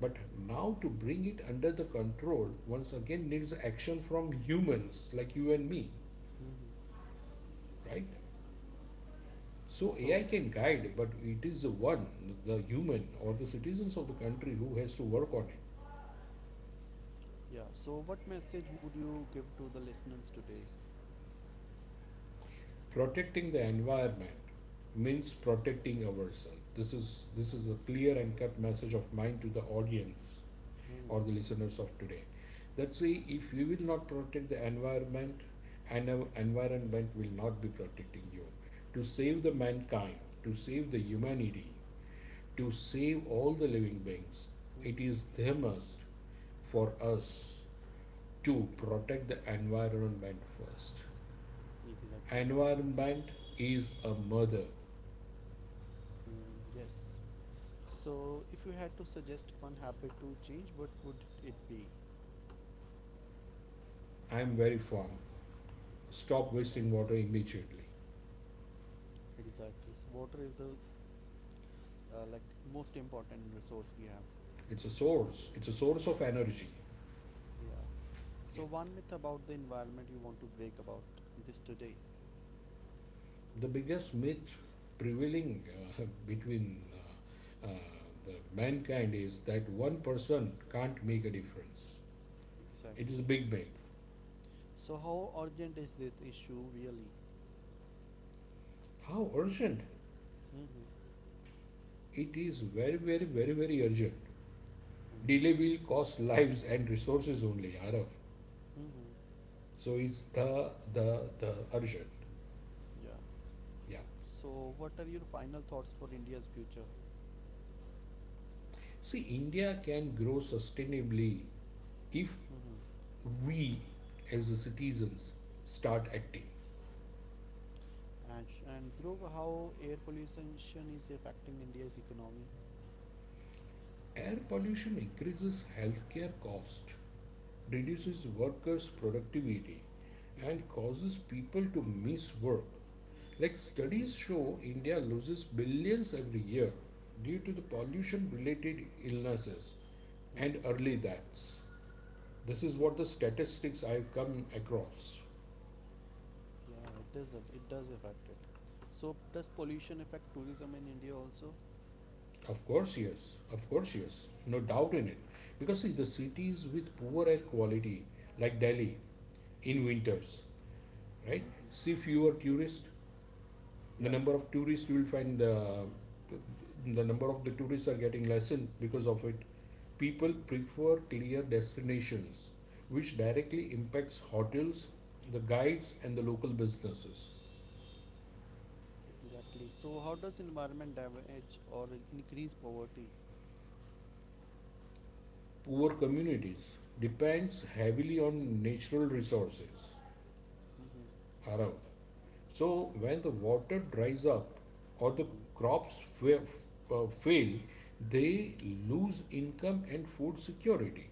Speaker 2: But now to bring it under the control once again needs action from humans like you and me,
Speaker 1: Mm-hmm.
Speaker 2: right? So AI can guide, but
Speaker 1: Mhm.
Speaker 2: it is the one, the human or the citizens of the country who has to work on it.
Speaker 1: Yeah. So, what message would you give to the listeners today?
Speaker 2: Protecting the environment means protecting ourselves. This is a clear and cut message of mine to the audience or
Speaker 1: Mm-hmm.
Speaker 2: the
Speaker 1: Performance.
Speaker 2: listeners of today, that say if you will not protect the environment and our environment will not be protecting you, to save the mankind, to save the humanity, to save all the living beings, it is the must for us to protect the environment first.
Speaker 1: Exactly.
Speaker 2: Environment is a mother.
Speaker 1: Mhm. Yes. So, if you had to suggest one habit to change, what would it be?
Speaker 2: I am very firm. Stop wasting water immediately.
Speaker 1: Exactly. So, water is the like most important resource we have.
Speaker 2: It's a source of energy.
Speaker 1: Yeah.
Speaker 2: Yeah.
Speaker 1: So, one myth about the environment you want to break about this today.
Speaker 2: The biggest myth prevailing between the mankind is that one person can't make a difference. It is a
Speaker 1: Exactly.
Speaker 2: big myth.
Speaker 1: So how urgent is this issue really?
Speaker 2: How urgent?
Speaker 1: Mm-hmm.
Speaker 2: It is very, very, very, very urgent. Delay will
Speaker 1: Mm-hmm.
Speaker 2: cost lives and resources only, Arav.
Speaker 1: Mm-hmm.
Speaker 2: So it's the urgent.
Speaker 1: Yeah.
Speaker 2: Yeah.
Speaker 1: So what are your final thoughts for India's future?
Speaker 2: See, India can grow sustainably if we, as the citizens, start acting.
Speaker 1: And, and Dhruv, how air pollution is affecting India's economy?
Speaker 2: Air pollution increases healthcare cost, reduces
Speaker 1: Mhm, mhm,
Speaker 2: workers' productivity,
Speaker 1: mhm,
Speaker 2: and
Speaker 1: mhm.
Speaker 2: causes people to miss work. Like studies show,
Speaker 1: Ex-
Speaker 2: India loses billions every year due to the pollution related illnesses and early deaths. This is what the statistics I've come across.
Speaker 1: Yeah, it does. It does affect it. So, does pollution affect tourism in India also?
Speaker 2: Of course, yes. Of course, yes. No doubt in it. Because see, the cities with poor air quality, like Delhi, in winters, right? See fewer tourists. The
Speaker 1: Yeah.
Speaker 2: number of
Speaker 1: The.
Speaker 2: tourists you will find the number of the tourists are getting lessened because of it. People prefer clear destinations, which directly impacts hotels, the guides, and the local businesses.
Speaker 1: Exactly. So, how does environment damage or increase poverty?
Speaker 2: Poor communities depends heavily on natural resources,
Speaker 1: Mm-hmm.
Speaker 2: Arav. So when the water dries up or the crops fail, they lose income and food security.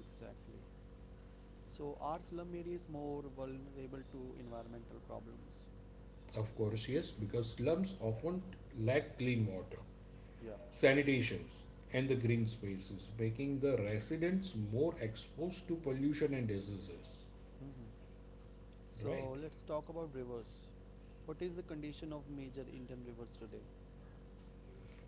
Speaker 1: Exactly. So, our slum areas more vulnerable to environmental problems?
Speaker 2: Of course, yes, because slums often lack clean water,
Speaker 1: Yeah.
Speaker 2: sanitations, and the green spaces, making the residents more exposed to pollution and diseases.
Speaker 1: Hmm.
Speaker 2: Right?
Speaker 1: So, let's talk about rivers. What is the condition of major Indian rivers today?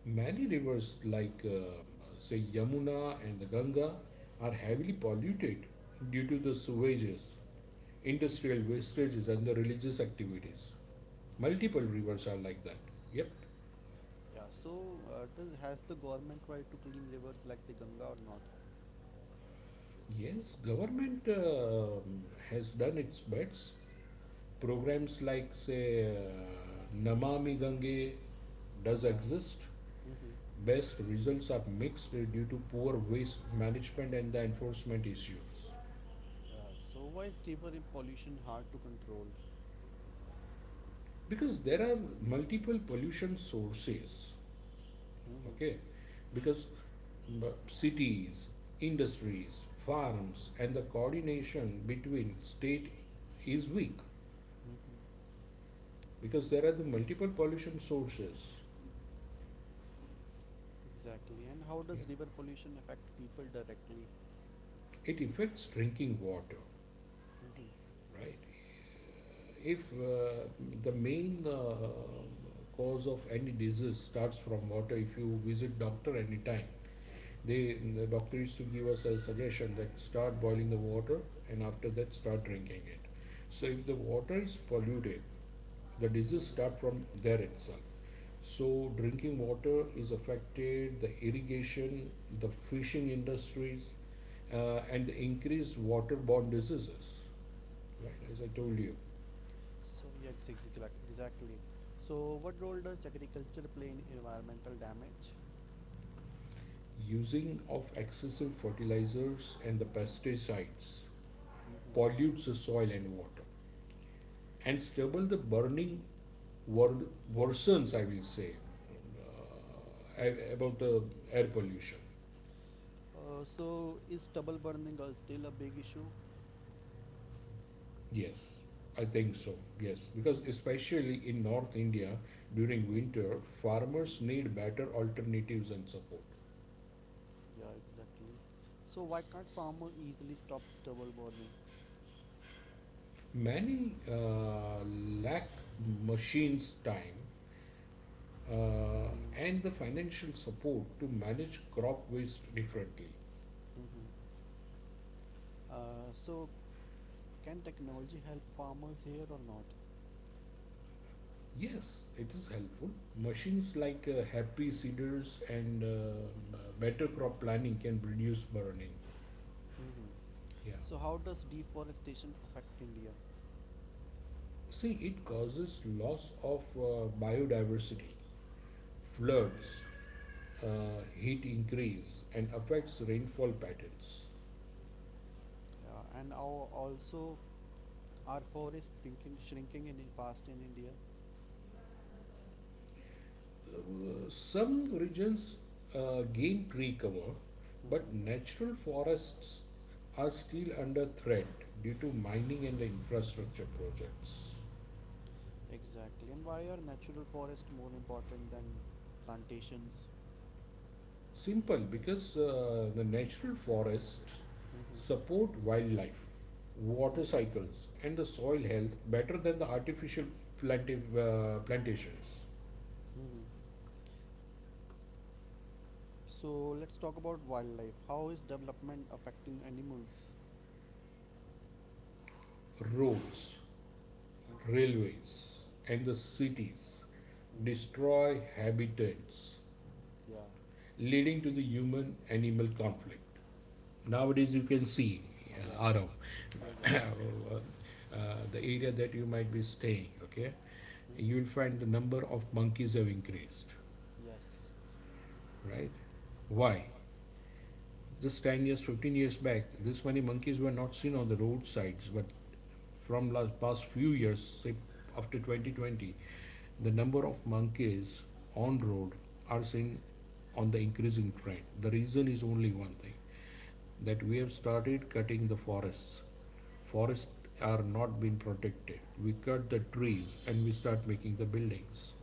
Speaker 2: Many rivers like say Yamuna and the Ganga are heavily polluted due to the sewages, industrial wastages, and the religious activities. Multiple
Speaker 1: Mhm.
Speaker 2: rivers are like that. Yep.
Speaker 1: Yeah, so does has the government tried to clean rivers like the Ganga or not?
Speaker 2: Yes, government has done its best. Programs like say Namami Gange does
Speaker 1: Yeah.
Speaker 2: exist.
Speaker 1: Mm-hmm.
Speaker 2: Best results are mixed due to poor waste management and the enforcement issues.
Speaker 1: Yeah. So why is river in pollution hard to control?
Speaker 2: Because there are multiple pollution sources,
Speaker 1: Mm-hmm.
Speaker 2: okay, because cities, industries, farms, and the coordination between state is weak,
Speaker 1: Mm-hmm.
Speaker 2: because there are the multiple pollution sources.
Speaker 1: Exactly. And how
Speaker 2: Yeah.
Speaker 1: does river pollution affect people directly?
Speaker 2: It affects drinking water,
Speaker 1: Hmm. Hmm.
Speaker 2: right? If the main cause of any disease starts from water, if you visit doctor anytime, the doctor used to give us a suggestion that start boiling the water and after that start drinking it. So if the water is polluted, the disease start from there itself. So drinking water is affected, the irrigation, the fishing industries, and the increased waterborne diseases. Right, as I told you,
Speaker 1: So yes, exactly. So what role does agriculture play in environmental damage?
Speaker 2: using of excessive fertilizers and the pesticides pollutes the
Speaker 1: Hmm.
Speaker 2: soil and water, and stubble the burning wor- worsens, I will say,
Speaker 1: Air
Speaker 2: uh, about
Speaker 1: pollution.
Speaker 2: the air pollution.
Speaker 1: So is stubble burning still a big issue?
Speaker 2: Yes, I think so. Yes, because
Speaker 1: Mm-hmm.
Speaker 2: especially in North India
Speaker 1: Hmm.
Speaker 2: during winter, farmers
Speaker 1: Mm-hmm.
Speaker 2: need
Speaker 1: Hmm.
Speaker 2: better alternatives and support.
Speaker 1: Yeah, exactly. So why can't farmer easily stop stubble burning?
Speaker 2: Many lack machines, time, uh,
Speaker 1: Hmm.
Speaker 2: and the financial support to manage crop waste differently.
Speaker 1: Hmm. So can technology help farmers here or not?
Speaker 2: Yes, it is helpful. Machines like Happy Seeders and Better Crop Planning can reduce burning.
Speaker 1: Mm-hmm.
Speaker 2: Yeah.
Speaker 1: So how does deforestation affect India?
Speaker 2: See, it causes loss of biodiversity,
Speaker 1: Hmm.
Speaker 2: floods, uh, heat increase, and affects rainfall patterns.
Speaker 1: Yeah, and our, also our forest shrinking fast in India.
Speaker 2: Some regions gain tree cover, but
Speaker 1: Hmm.
Speaker 2: natural forests are still under threat due to mining and the infrastructure projects.
Speaker 1: Exactly. And why are natural forests more important than plantations?
Speaker 2: Simple, because the natural forests
Speaker 1: Hmm.
Speaker 2: support wildlife, water cycles, and the soil health better than the
Speaker 1: Hmm.
Speaker 2: artificial plantations.
Speaker 1: Mhm. So let's talk about wildlife. How is development affecting animals?
Speaker 2: Roads,
Speaker 1: Mhm.
Speaker 2: railways, and the cities
Speaker 1: Mhm.
Speaker 2: destroy habitats,
Speaker 1: Yeah.
Speaker 2: leading to the human animal conflict. Nowadays you can see
Speaker 1: Yeah. Yeah. Yeah.
Speaker 2: around (coughs) uh, the area that you might be staying, okay, you
Speaker 1: Hmm.
Speaker 2: will find the number of monkeys have increased,
Speaker 1: Yes.
Speaker 2: right? Why? Just 10 years, 15 years back this many monkeys were not seen on the roadsides, but from last past few years, say after 2020, the number of
Speaker 1: Mhm.
Speaker 2: monkeys on road are seen on the increasing trend. The reason is only one thing: that we have started cutting the forests. Forests are not being protected. We cut the trees and we start making the buildings.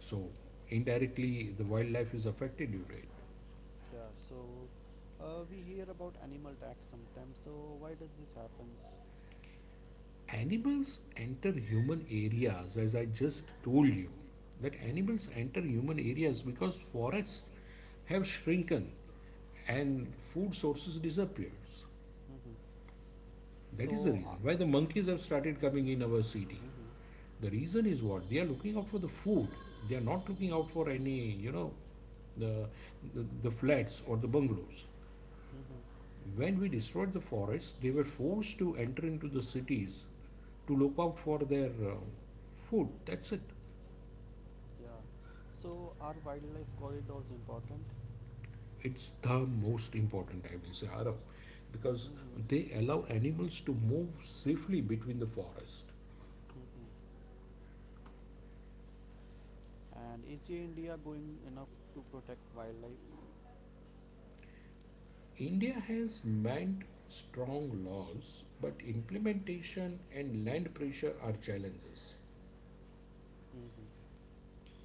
Speaker 2: So indirectly, the wildlife is affected due to it.
Speaker 1: Yeah, so we hear about animal tax sometimes. So why does this happens?
Speaker 2: Animals enter human areas, as I just told you, that
Speaker 1: Hmm.
Speaker 2: animals enter human areas because forests have shrunken and food sources
Speaker 1: Fields.
Speaker 2: disappears.
Speaker 1: Hmm.
Speaker 2: That is the
Speaker 1: So.
Speaker 2: reason why the monkeys have started coming in our city. The reason is what they are looking out for the food. They are not looking out for
Speaker 1: Mhm.
Speaker 2: any, you know, the the flats or the bungalows.
Speaker 1: Mm-hmm.
Speaker 2: When we destroyed the forest, they were forced to enter into the cities to look out for their food. That's it.
Speaker 1: Yeah. So are wildlife corridors important?
Speaker 2: It's the most important, I will say, Arav, because they
Speaker 1: Mm-hmm.
Speaker 2: allow animals to move safely between the forest.
Speaker 1: Mm-hmm. And is your India going enough to protect wildlife?
Speaker 2: India has meant strong laws, but implementation and land pressure are challenges.
Speaker 1: Mm-hmm.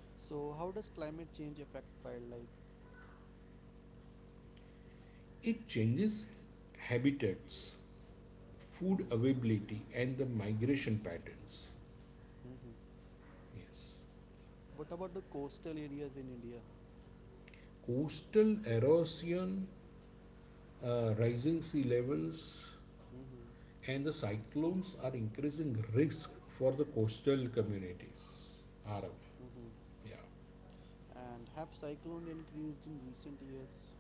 Speaker 1: So how does climate change affect wildlife?
Speaker 2: It changes habitats, food
Speaker 1: Mm-hmm.
Speaker 2: availability, and the migration patterns.
Speaker 1: Mm-hmm.
Speaker 2: Yes.
Speaker 1: What about the coastal areas in India?
Speaker 2: Coastal erosion, rising sea levels,
Speaker 1: Mm-hmm.
Speaker 2: and the cyclones are increasing risk for the coastal communities. Arav.
Speaker 1: Are up. Mm-hmm.
Speaker 2: Yeah.
Speaker 1: And have cyclone increased in recent years?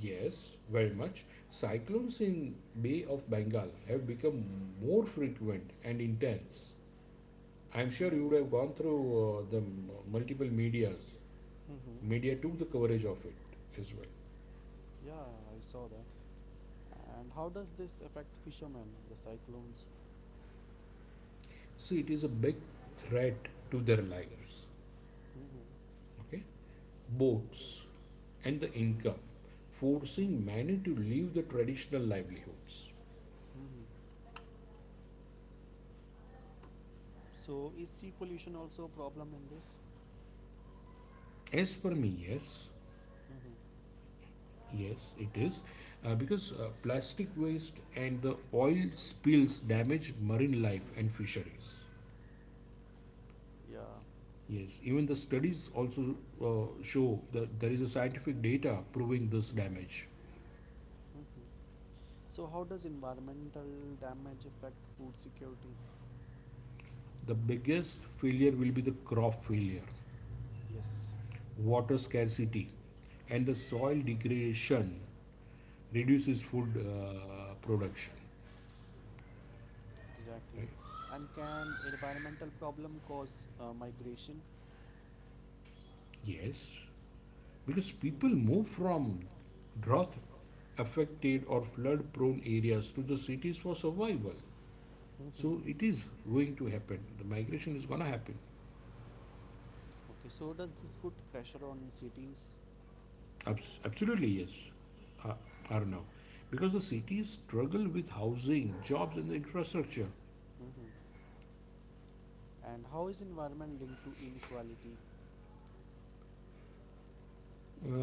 Speaker 2: Yes, very much. Cyclones in Bay of Bengal have become more frequent and intense. I'm sure you would have
Speaker 1: Mm-hmm.
Speaker 2: gone through the multiple medias.
Speaker 1: Mm-hmm.
Speaker 2: Media took the coverage of it as well.
Speaker 1: Yeah, I saw that. And how does this affect fishermen, the cyclones?
Speaker 2: So it is a big threat to their lives.
Speaker 1: Mm-hmm.
Speaker 2: Okay,
Speaker 1: Okay.
Speaker 2: boats and the income,
Speaker 1: Mm-hmm.
Speaker 2: forcing many
Speaker 1: Mm-hmm.
Speaker 2: to leave the traditional livelihoods.
Speaker 1: Mm-hmm. So is sea pollution also a problem in this?
Speaker 2: As per me, yes.
Speaker 1: Mm-hmm.
Speaker 2: Yes, it is, because plastic waste and the oil spills damage marine
Speaker 1: Mhm.
Speaker 2: life and fisheries.
Speaker 1: Yeah.
Speaker 2: Yes, even the studies also show that there is a scientific data proving this
Speaker 1: Mm-hmm.
Speaker 2: damage.
Speaker 1: Mm-hmm. So, how does environmental damage affect food security?
Speaker 2: The biggest failure will be the crop failure,
Speaker 1: Yes,
Speaker 2: water scarcity, and the soil degradation reduces food production.
Speaker 1: exactly.
Speaker 2: Right?
Speaker 1: And can environmental problem cause migration?
Speaker 2: Yes. Because people move
Speaker 1: Mm-hmm.
Speaker 2: from drought affected or flood prone areas to the cities for survival,
Speaker 1: Mhm.
Speaker 2: so it is going to happen, the
Speaker 1: Attractive.
Speaker 2: migration is going to happen.
Speaker 1: Okay, so does this put pressure on cities?
Speaker 2: Absolutely yes, uh,
Speaker 1: Mhm.
Speaker 2: arnav, because the cities struggle with housing, jobs, and the infrastructure.
Speaker 1: Hmm. And how is environment linked to inequality?
Speaker 2: uh,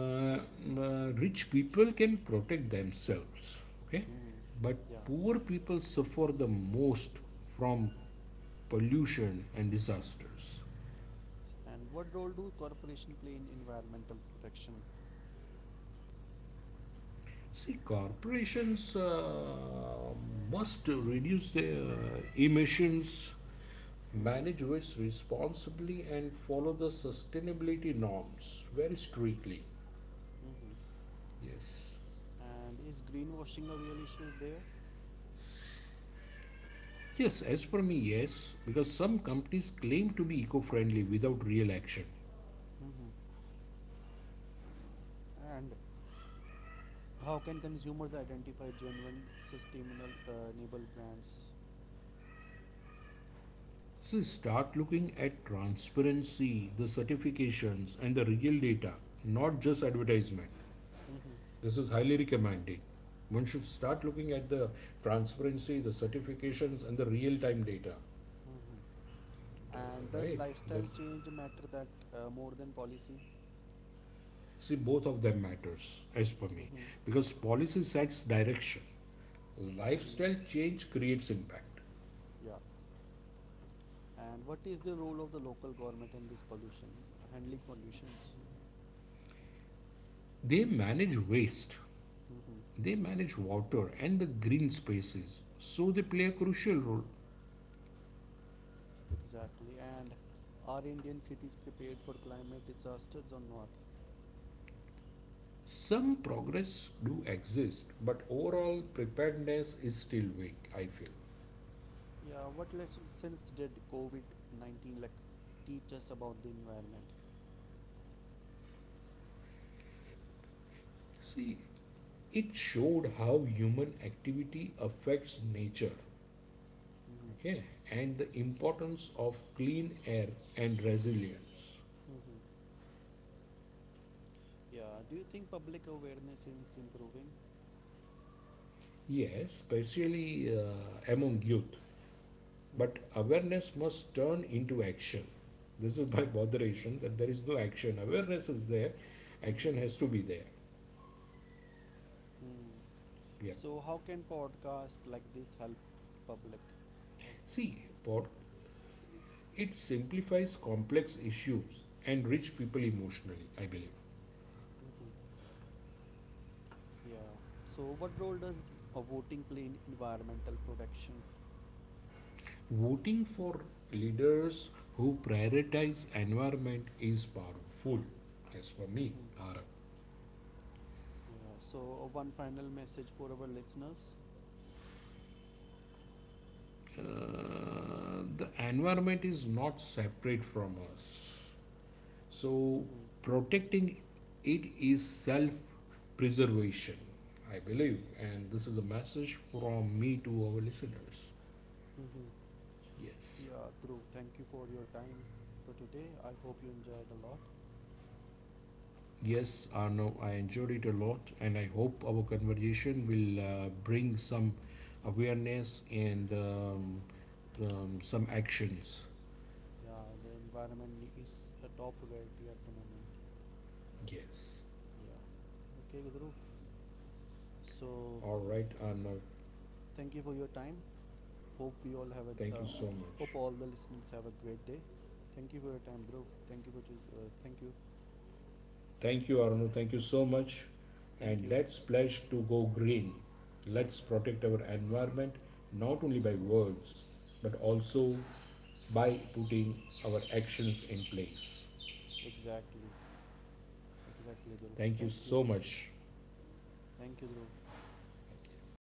Speaker 2: Rich people can protect themselves, okay,
Speaker 1: Hmm.
Speaker 2: but
Speaker 1: Yeah.
Speaker 2: poor people suffer the most from pollution and disasters.
Speaker 1: And what role do corporation play in environmental protection?
Speaker 2: See, corporations must reduce their emissions, manage
Speaker 1: Hmm.
Speaker 2: waste responsibly, and follow the sustainability norms very strictly. Yes.
Speaker 1: Hmm. And is greenwashing a real issue there?
Speaker 2: Yes, as per me, yes, because some companies claim to be eco friendly without real action.
Speaker 1: Hmm. And how can consumers identify genuine sustainable enable brands?
Speaker 2: See, start looking at transparency, the certifications, and the real data, not just advertisement.
Speaker 1: Hmm.
Speaker 2: This is highly recommended. One should start looking at the transparency, the certifications, and the real time data.
Speaker 1: Hmm.
Speaker 2: Uh,
Speaker 1: And does
Speaker 2: right?
Speaker 1: lifestyle
Speaker 2: That's,
Speaker 1: change matter that more than policy?
Speaker 2: see, both of them matters as per me,
Speaker 1: Hmm.
Speaker 2: because policy sets direction. Lifestyle
Speaker 1: Hmm.
Speaker 2: change creates impact.
Speaker 1: Yeah. And what is the role of the local government in this pollution, handling pollutions?
Speaker 2: They manage waste,
Speaker 1: Hmm.
Speaker 2: they manage water and the green spaces, so they play a crucial role.
Speaker 1: Exactly. And are Indian cities prepared for climate disasters or not?
Speaker 2: Some progress do exist, but overall preparedness is still weak, I feel.
Speaker 1: Yeah, what lessons since did COVID-19 like teach us about the environment?
Speaker 2: See, it showed how human activity affects nature,
Speaker 1: Hmm.
Speaker 2: okay, and the importance of clean air and resilience.
Speaker 1: Hmm. Yeah, do you think public awareness is improving?
Speaker 2: Yes, especially among youth.
Speaker 1: Hmm.
Speaker 2: But awareness must turn into action. This is my (laughs) botheration that there is no action. Awareness is there, action has
Speaker 1: Hmm.
Speaker 2: to be there.
Speaker 1: Hmm.
Speaker 2: Yeah.
Speaker 1: So, how can podcast like this help public? Or
Speaker 2: See, it simplifies complex issues and reach people emotionally, I believe.
Speaker 1: believe. Mhm. Yeah. So, what role does voting play in environmental protection?
Speaker 2: Voting for leaders who prioritize environment is powerful. As for me,
Speaker 1: Hmm.
Speaker 2: Arab,
Speaker 1: They are. Yeah. So, one final message for our listeners.
Speaker 2: the environment is not separate from us. So
Speaker 1: Hmm.
Speaker 2: protecting it is self-preservation, I believe, and this is a message from me to our listeners.
Speaker 1: Listeners. Mm-hmm.
Speaker 2: Yes.
Speaker 1: Yeah, Dhruv, thank you for your time for today. I hope you enjoyed a lot.
Speaker 2: Yes, Arno, I enjoyed it a lot, and I hope our conversation will bring some awareness and some actions.
Speaker 1: Yeah, the environment is a top priority at the moment.
Speaker 2: Yes.
Speaker 1: Yes. Yeah. Okay, Dhruv. So,
Speaker 2: All right, Arno.
Speaker 1: thank you for your time. Hope we all have a uh,
Speaker 2: Thank you so
Speaker 1: hope
Speaker 2: much.
Speaker 1: all the listeners have a great day. Thank you for your time, Dhruv. Thank you for choose. Thank you.
Speaker 2: Thank you, Arno. Thank you so much.
Speaker 1: Thank
Speaker 2: And
Speaker 1: you.
Speaker 2: let's pledge to go green.
Speaker 1: Yeah.
Speaker 2: Let's protect our environment not only by
Speaker 1: Hmm.
Speaker 2: words but
Speaker 1: Yes.
Speaker 2: also by putting our actions in place.
Speaker 1: Exactly. Exactly, Dhruv.
Speaker 2: Thank you
Speaker 1: You.
Speaker 2: so much.
Speaker 1: Thank you, Dhruv.
Speaker 2: Thank you.